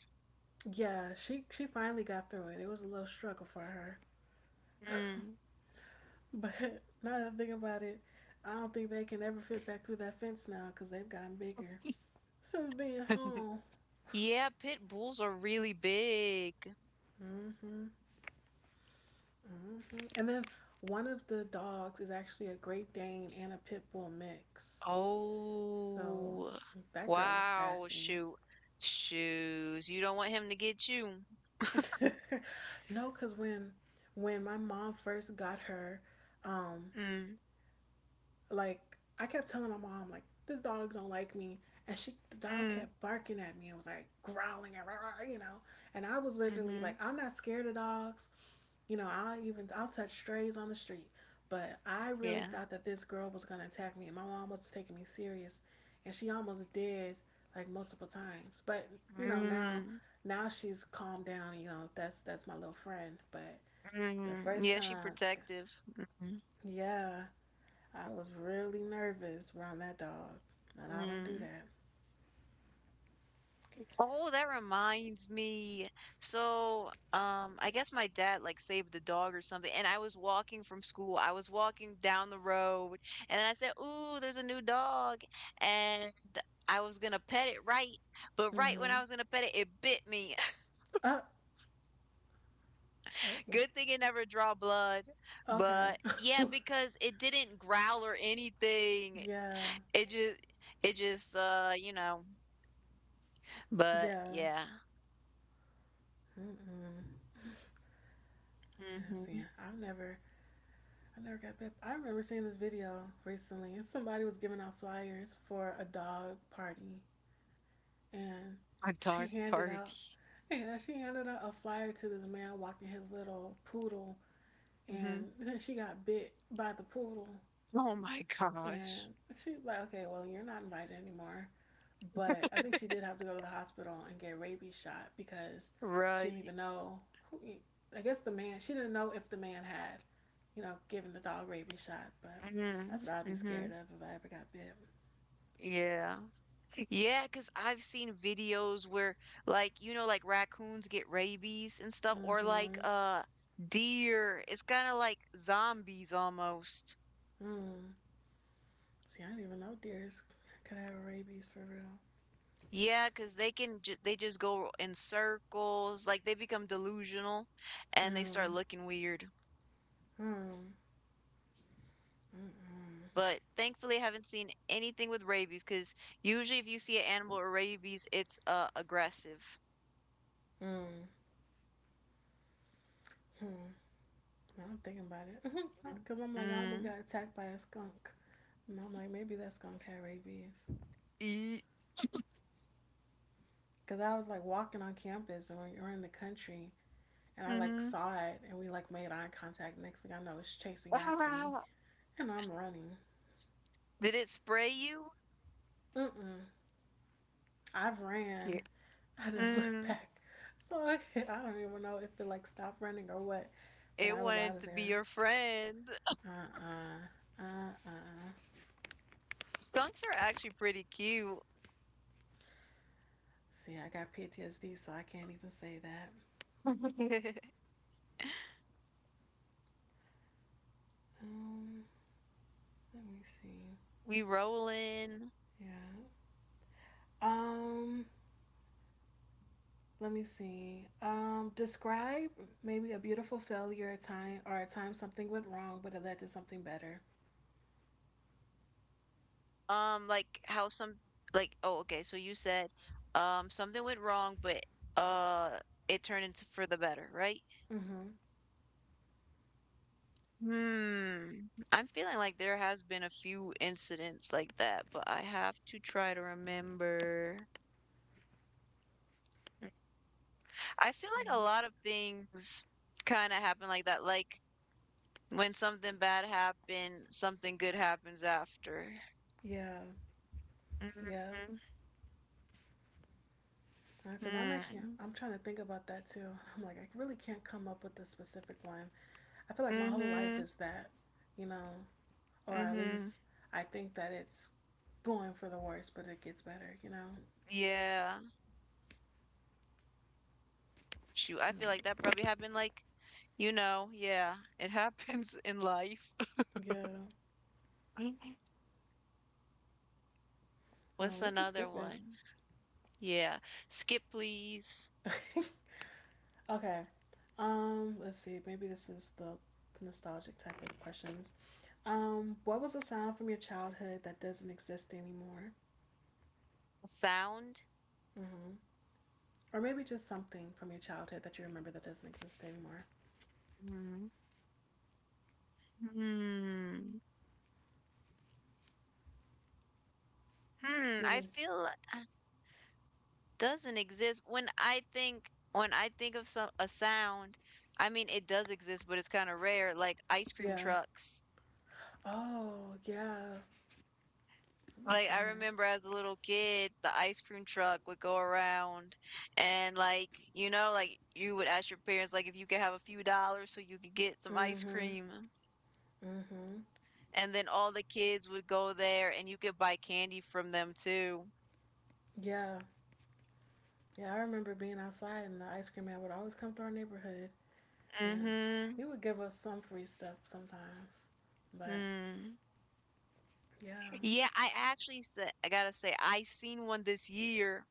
Yeah, she finally got through it. It was a little struggle for her. But now that I think about it, I don't think they can ever fit back through that fence now because they've gotten bigger since being
Mm.
home.
Yeah, pit bulls are really big.
Mm-hmm, mm-hmm. And then one of the dogs is actually a Great Dane and a Pit Bull mix. So
Oh,
that girl is
wow,
sassy.
shoot. Shoes. You don't want him to get you.
No, because when my mom first got her, um,
Mm,
like I kept telling my mom like this dog don't like me, and she the dog
mm,
kept barking at me. It was like growling at, rah, you know. And I was literally like,
mm-hmm.
I'm not scared of dogs. You know, I'll touch strays on the street, but I really
Yeah.
thought that this girl was gonna attack me, and my mom was taking me serious, and she almost did like multiple times. But you know
Mm,
now she's calmed down. You know that's my little friend, but the
mm.
first
Yeah, she
time,
protective. Mm-hmm.
yeah. I was really nervous around that dog, and I don't do
Mm.
that.
Oh, that reminds me. So, I guess my dad like saved the dog or something, and I was walking from school. I was walking down the road, and I said, "Ooh, there's a new dog," and I was gonna pet it right, but right when
Mm-hmm.
I was gonna pet it, it bit me.
Uh, oh,
Good thing it never draw blood,
okay.
but yeah, because it didn't growl or anything.
Yeah,
It just, it just, uh. But
yeah.
yeah,
Mm-mm. Yeah, see,
hmm.
I never got bit. I remember seeing this video recently, and somebody was giving out flyers for a dog party, and
A
she
dark
handed
party.
out, yeah, she handed out a flyer to this man walking his little poodle,
Hmm.
and then she got bit by the poodle,
Oh my gosh.
and she's like, okay, well, you're not invited anymore. But I think she did have to go to the hospital and get rabies shot because she didn't
Right.
even know who. I guess the man. She didn't know if the man had, you know, given the dog rabies shot. But that's
Mhm,
what I'd be scared
mhm.
of if I ever got bit.
Yeah. Yeah, because 'cause I've seen videos where like, you know, like raccoons get rabies and stuff or like
Mm-hmm.
deer. It's kind of like zombies almost.
Mm. See, I didn't even know deers could have rabies for real.
Yeah, because they can ju they just go in circles, like they become delusional and they start
Mm.
looking weird.
Mm. Mhm.
But thankfully, I haven't seen anything with rabies. Because usually if you see an animal with rabies, it's aggressive.
Mm. Mm. Now I'm thinking about it because I'm
Mm,
like I almost
mm,
got attacked by a skunk. And I'm like maybe that skunk had rabies.
ee,
Cause I was like walking on campus and we were in the country, and I like
mhm.
saw it, and we like made eye contact. Next thing I know, it's chasing after me,
Ah,
and I'm running.
did it spray you?
Mm mm. I've
Yeah.
ran. I didn't look
Mm,
back, so I don't even know if it like stopped running or what. But
it
I was out
wanted
of
to be
there.
your friend.
Uh uh-uh. Uh.
Skunks are actually pretty cute.
See, I got PTSD, so I can't even say that. Um, let me see.
We rolling.
Yeah. Um, let me see. Describe maybe a beautiful failure a time or a time something went wrong, but it led to something better.
Like how some like oh okay, so you said something went wrong, but uh it turned into for the better, right?
Mm-hmm.
Hmm. I'm feeling like there has been a few incidents like that, but I have to try to remember. I feel like a lot of things kind of happen like that. Like when something bad happened, something good happens after.
Yeah, yeah.
Mm-hmm.
Because I'm trying to think about that too. I'm like I really can't come up with a specific one. I feel like my whole life
Mm-hmm.
is that, you know, or at
Mm-hmm.
least I think that it's going for the worst, but it gets better, you know.
Yeah. Shoot, I
I'm like,
feel like that probably happened like, you know, yeah, it happens in life.
yeah. Oh,
What's
we can
another
skip
one? Yeah. Skip, please.
it. Okay. Let's see. Maybe this is the nostalgic type of questions. What was a sound from your childhood that doesn't exist anymore?
Sound.
Hmm. Or maybe just something from your childhood that you remember that doesn't exist anymore.
Mm-hmm. Hmm. Hmm.
You want
I
me to-
feel. Doesn't exist when I think of some a sound, I mean it does exist, but it's kind of rare, like ice cream
yeah.
trucks.
Oh, yeah. Oh my
Like I
goodness.
remember as a little kid, the ice cream truck would go around and like, you know, like you would ask your parents like if you could have a few dollars so you could get some ice
Mhm.
cream.
Mhm.
And then all the kids would go there and you could buy candy from them too.
Yeah. Yeah, I remember being outside and the ice cream man would always come through our neighborhood and
Mm-hmm.
he would give us some free stuff sometimes. But
Mm.
yeah.
Yeah, I actually said, I gotta say, I seen one this year.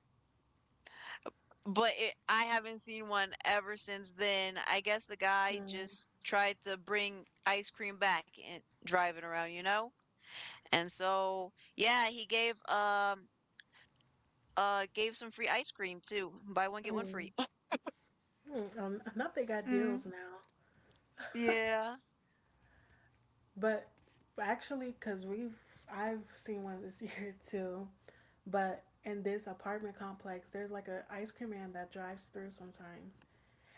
But it, I haven't seen one ever since then. I guess the guy
Mm-hmm.
just tried to bring ice cream back and driving around, you know? And so, yeah, he gave gave some free ice cream too. Buy one get one free.
Mm, not they got
Mm,
deals now,
yeah.
but actually, because we've I've seen one this year too, but in this apartment complex, there's like a ice cream man that drives through sometimes,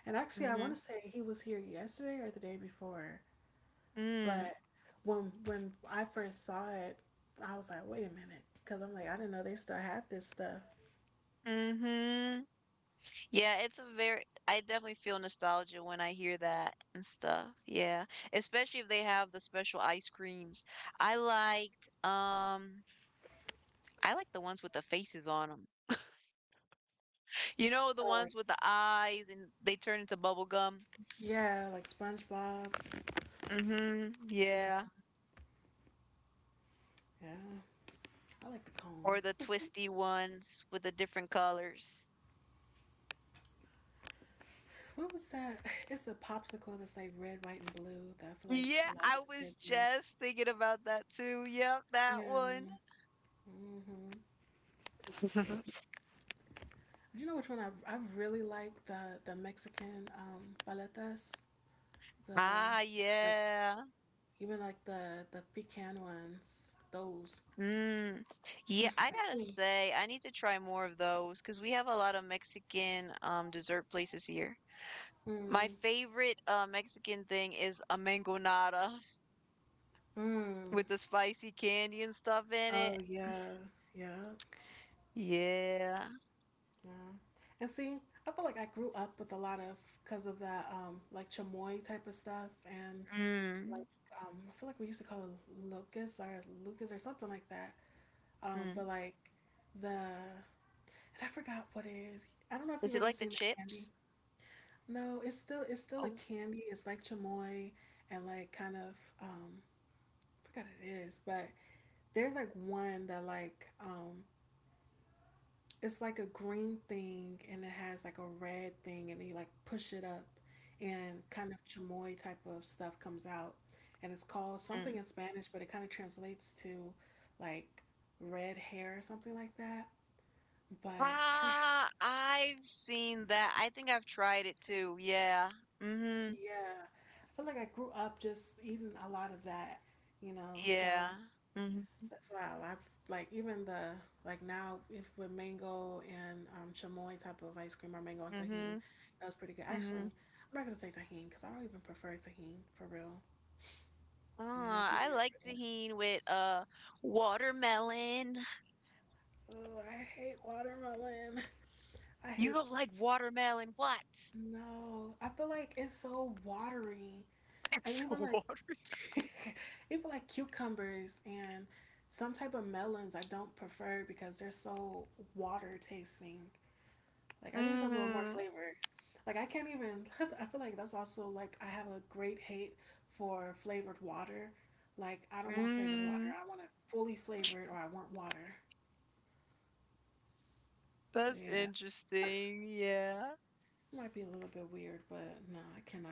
and actually, I want to
Mhm.
say he was here yesterday or the day before, but
Mm.
when I first saw it, I was like, wait a minute, because I'm like, I didn't know they still had this stuff.
Mhm. Yeah, it's a very I definitely feel nostalgia when I hear that and stuff. Yeah. Especially if they have the special ice creams. I liked um I like the ones with the faces on them. You know, the
Oh, like
ones with the eyes and they turn into bubble gum.
yeah, like SpongeBob.
Mm-hmm. Yeah.
Yeah, I like the
Or
cones.
the twisty ones with the different colors.
What was that? It's a popsicle that's like red, white, and blue that I feel like
Yeah,
a lot of
I
the
was
kids liked.
just thinking about that too. Yep, that
Yeah.
one.
Mm-hmm. You know which one I really like the Mexican paletas, the
Ah,
like
yeah.
even like the pecan ones, those.
Mm. Yeah, I
For
gotta
me.
say, I need to try more of those because we have a lot of Mexican dessert places here. My
Mm.
favorite Mexican thing is a mangonada.
Mm.
With the spicy candy and stuff in
Oh
it.
yeah, yeah,
Yeah.
yeah. And see, I feel like I grew up with a lot of because of that like chamoy type of stuff and like
Mm.
I feel like we used to call it locust or lucas or something like that.
Mm.
But like the and I forgot what it is. I don't know if
Is
you've
it
ever
like the
seen the candy.
chips?
No, it's still a
Oh.
candy. It's like chamoy and like kind of I forgot what it is, but there's like one that it's like a green thing and it has like a red thing and then you like push it up and kind of chamoy type of stuff comes out and it's called something
Mm.
in Spanish but it kind of translates to like red hair or something like that but I don't,
Ah, I've seen that. I think I've tried it too. Yeah. Mm-hmm.
yeah I feel like I grew up just eating a lot of that you know so
Yeah. Mm-hmm.
that's wild. I've like even the like now if with mango and chamoy type of ice cream or mango and tahine,
Mm-hmm.
that was pretty good. Actually,
Mm-hmm.
I'm not gonna say tahine because I don't even prefer tahine for real, and I might
Ah,
be
I
weird
like
for that.
tahine with watermelon.
Oh, I hate watermelon. I
You
hate
don't like watermelon. What?
no. I feel like it's so watery, and
It's a
even like
water.
even like cucumbers and some type of melons I don't prefer because they're so water tasting. Like I need something with more
Mm.
flavors. Like I can't even. I feel like that's also like I have a great hate for flavored water. Like I don't want flavored water.
Mm.
I want it fully flavored, or I want water. But
That's
yeah,
interesting. Yeah.
it might be a little bit weird, but no, I cannot.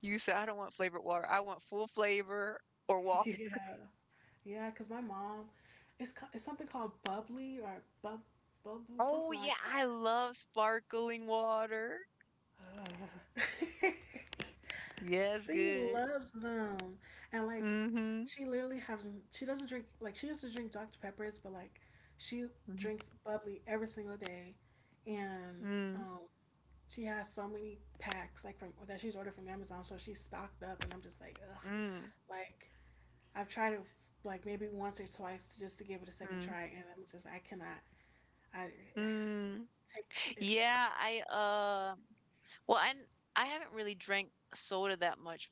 You said, I don't want flavored water. I want full flavor or water.
Yeah, yeah, because my mom, it's something called bubbly or bubble
Oh,
something like
yeah. I love sparkling water.
that. Ugh.
Yes,
She
good.
loves them. And like
Mm-hmm.
she literally hasn't she doesn't drink like she used to drink Dr. Peppers, but like she
Mhm.
drinks bubbly every single day and
Mm,
um she has so many packs like from that she's ordered from Amazon, so she's stocked up and I'm just like, ugh.
mm,
Like I've tried it like maybe once or twice to, just to give it a second
mm,
try and I'm just I cannot I
mm.
take it.
Yeah, I well I n- I haven't really drank soda that much,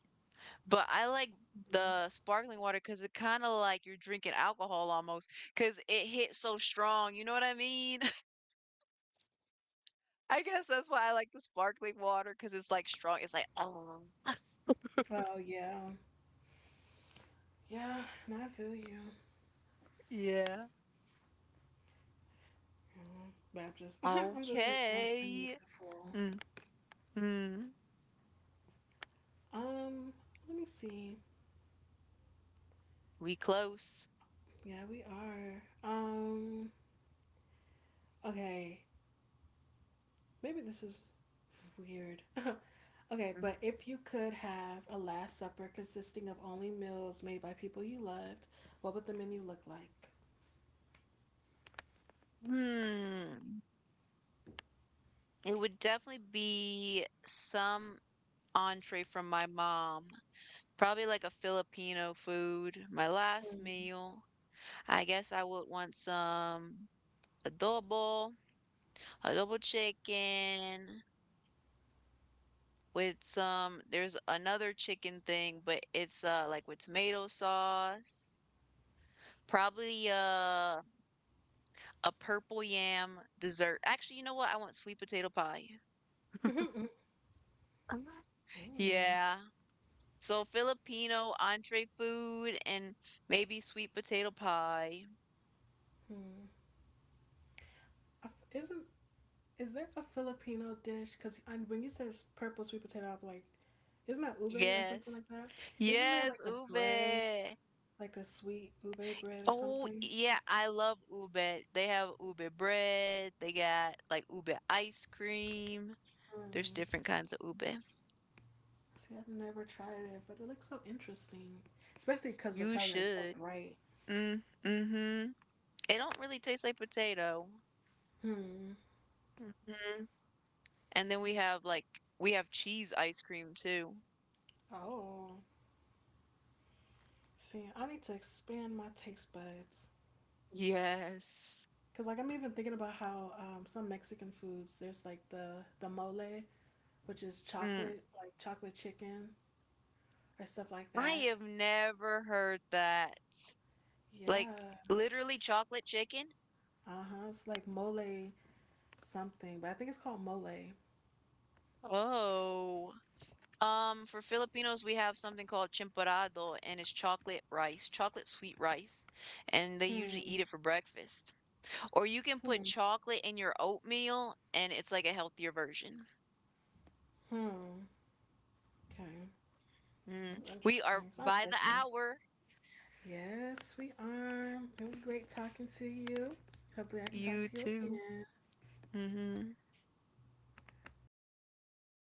but I like
Mhm.
the sparkling water because it kind of like you're drinking alcohol almost because it hits so strong. You know what I mean? I guess that's why I like the sparkling water because it's like strong. It's like oh.
Oh yeah. Yeah, no, I feel you.
Yeah.
Mhm. But I'm just like, I need
Okay.
the full.
Mhm.
Um, let me see.
We close.
Yeah, we are. Okay. Maybe this is weird. Okay, but if you could have a last supper consisting of only meals made by people you loved, what would the menu look like?
Hmm. It would definitely be some entree from my mom. Probably like a Filipino food. My last meal. I guess I would want some adobo, adobo chicken with some there's another chicken thing, but it's like with tomato sauce. Probably a purple yam dessert. Actually, you know what? I want sweet potato pie.
Mm. Mm.
Yeah. So Filipino entree food and maybe sweet potato pie.
Mm. Isn't is there a Filipino dish? Because when you said purple sweet potato, I'm like, isn't that ube or something
Yes.
like that? Isn't there like
Yes,
a bread?
ube.
Like a sweet ube bread or
Oh,
something.
yeah, I love ube. They have ube bread. They got like ube ice cream. There's
Mm.
different kinds of ube.
See, I've never tried it, but it looks so interesting, especially because the
You
color is so
should.
bright.
Mm, mm-hmm. It don't really taste like potato.
Hmm.
Hmm. And then we have, like we have cheese ice cream too.
Oh, see, I need to expand my taste buds.
Yes.
Cause like I'm even thinking about how some Mexican foods, there's like the mole, which is
Mm,
chocolate, like chocolate chicken or stuff like
I
that.
have never heard that. Like
Yeah.
literally chocolate chicken?
Uh huh. It's like mole something, but I think it's called mole.
Oh. For Filipinos, we have something called chimparado, and it's chocolate rice, chocolate sweet rice, and they usually
Hmm.
eat it for breakfast. Or you can put
Hmm.
chocolate in your oatmeal, and it's like a healthier version.
Hmm. Okay.
Mm. We are
Interesting. So I've
by
got
the
them.
hour.
Yes, we are. It was great talking to you. Hopefully, I can talk
You
to you
too.
again.
Hmm.
Okay.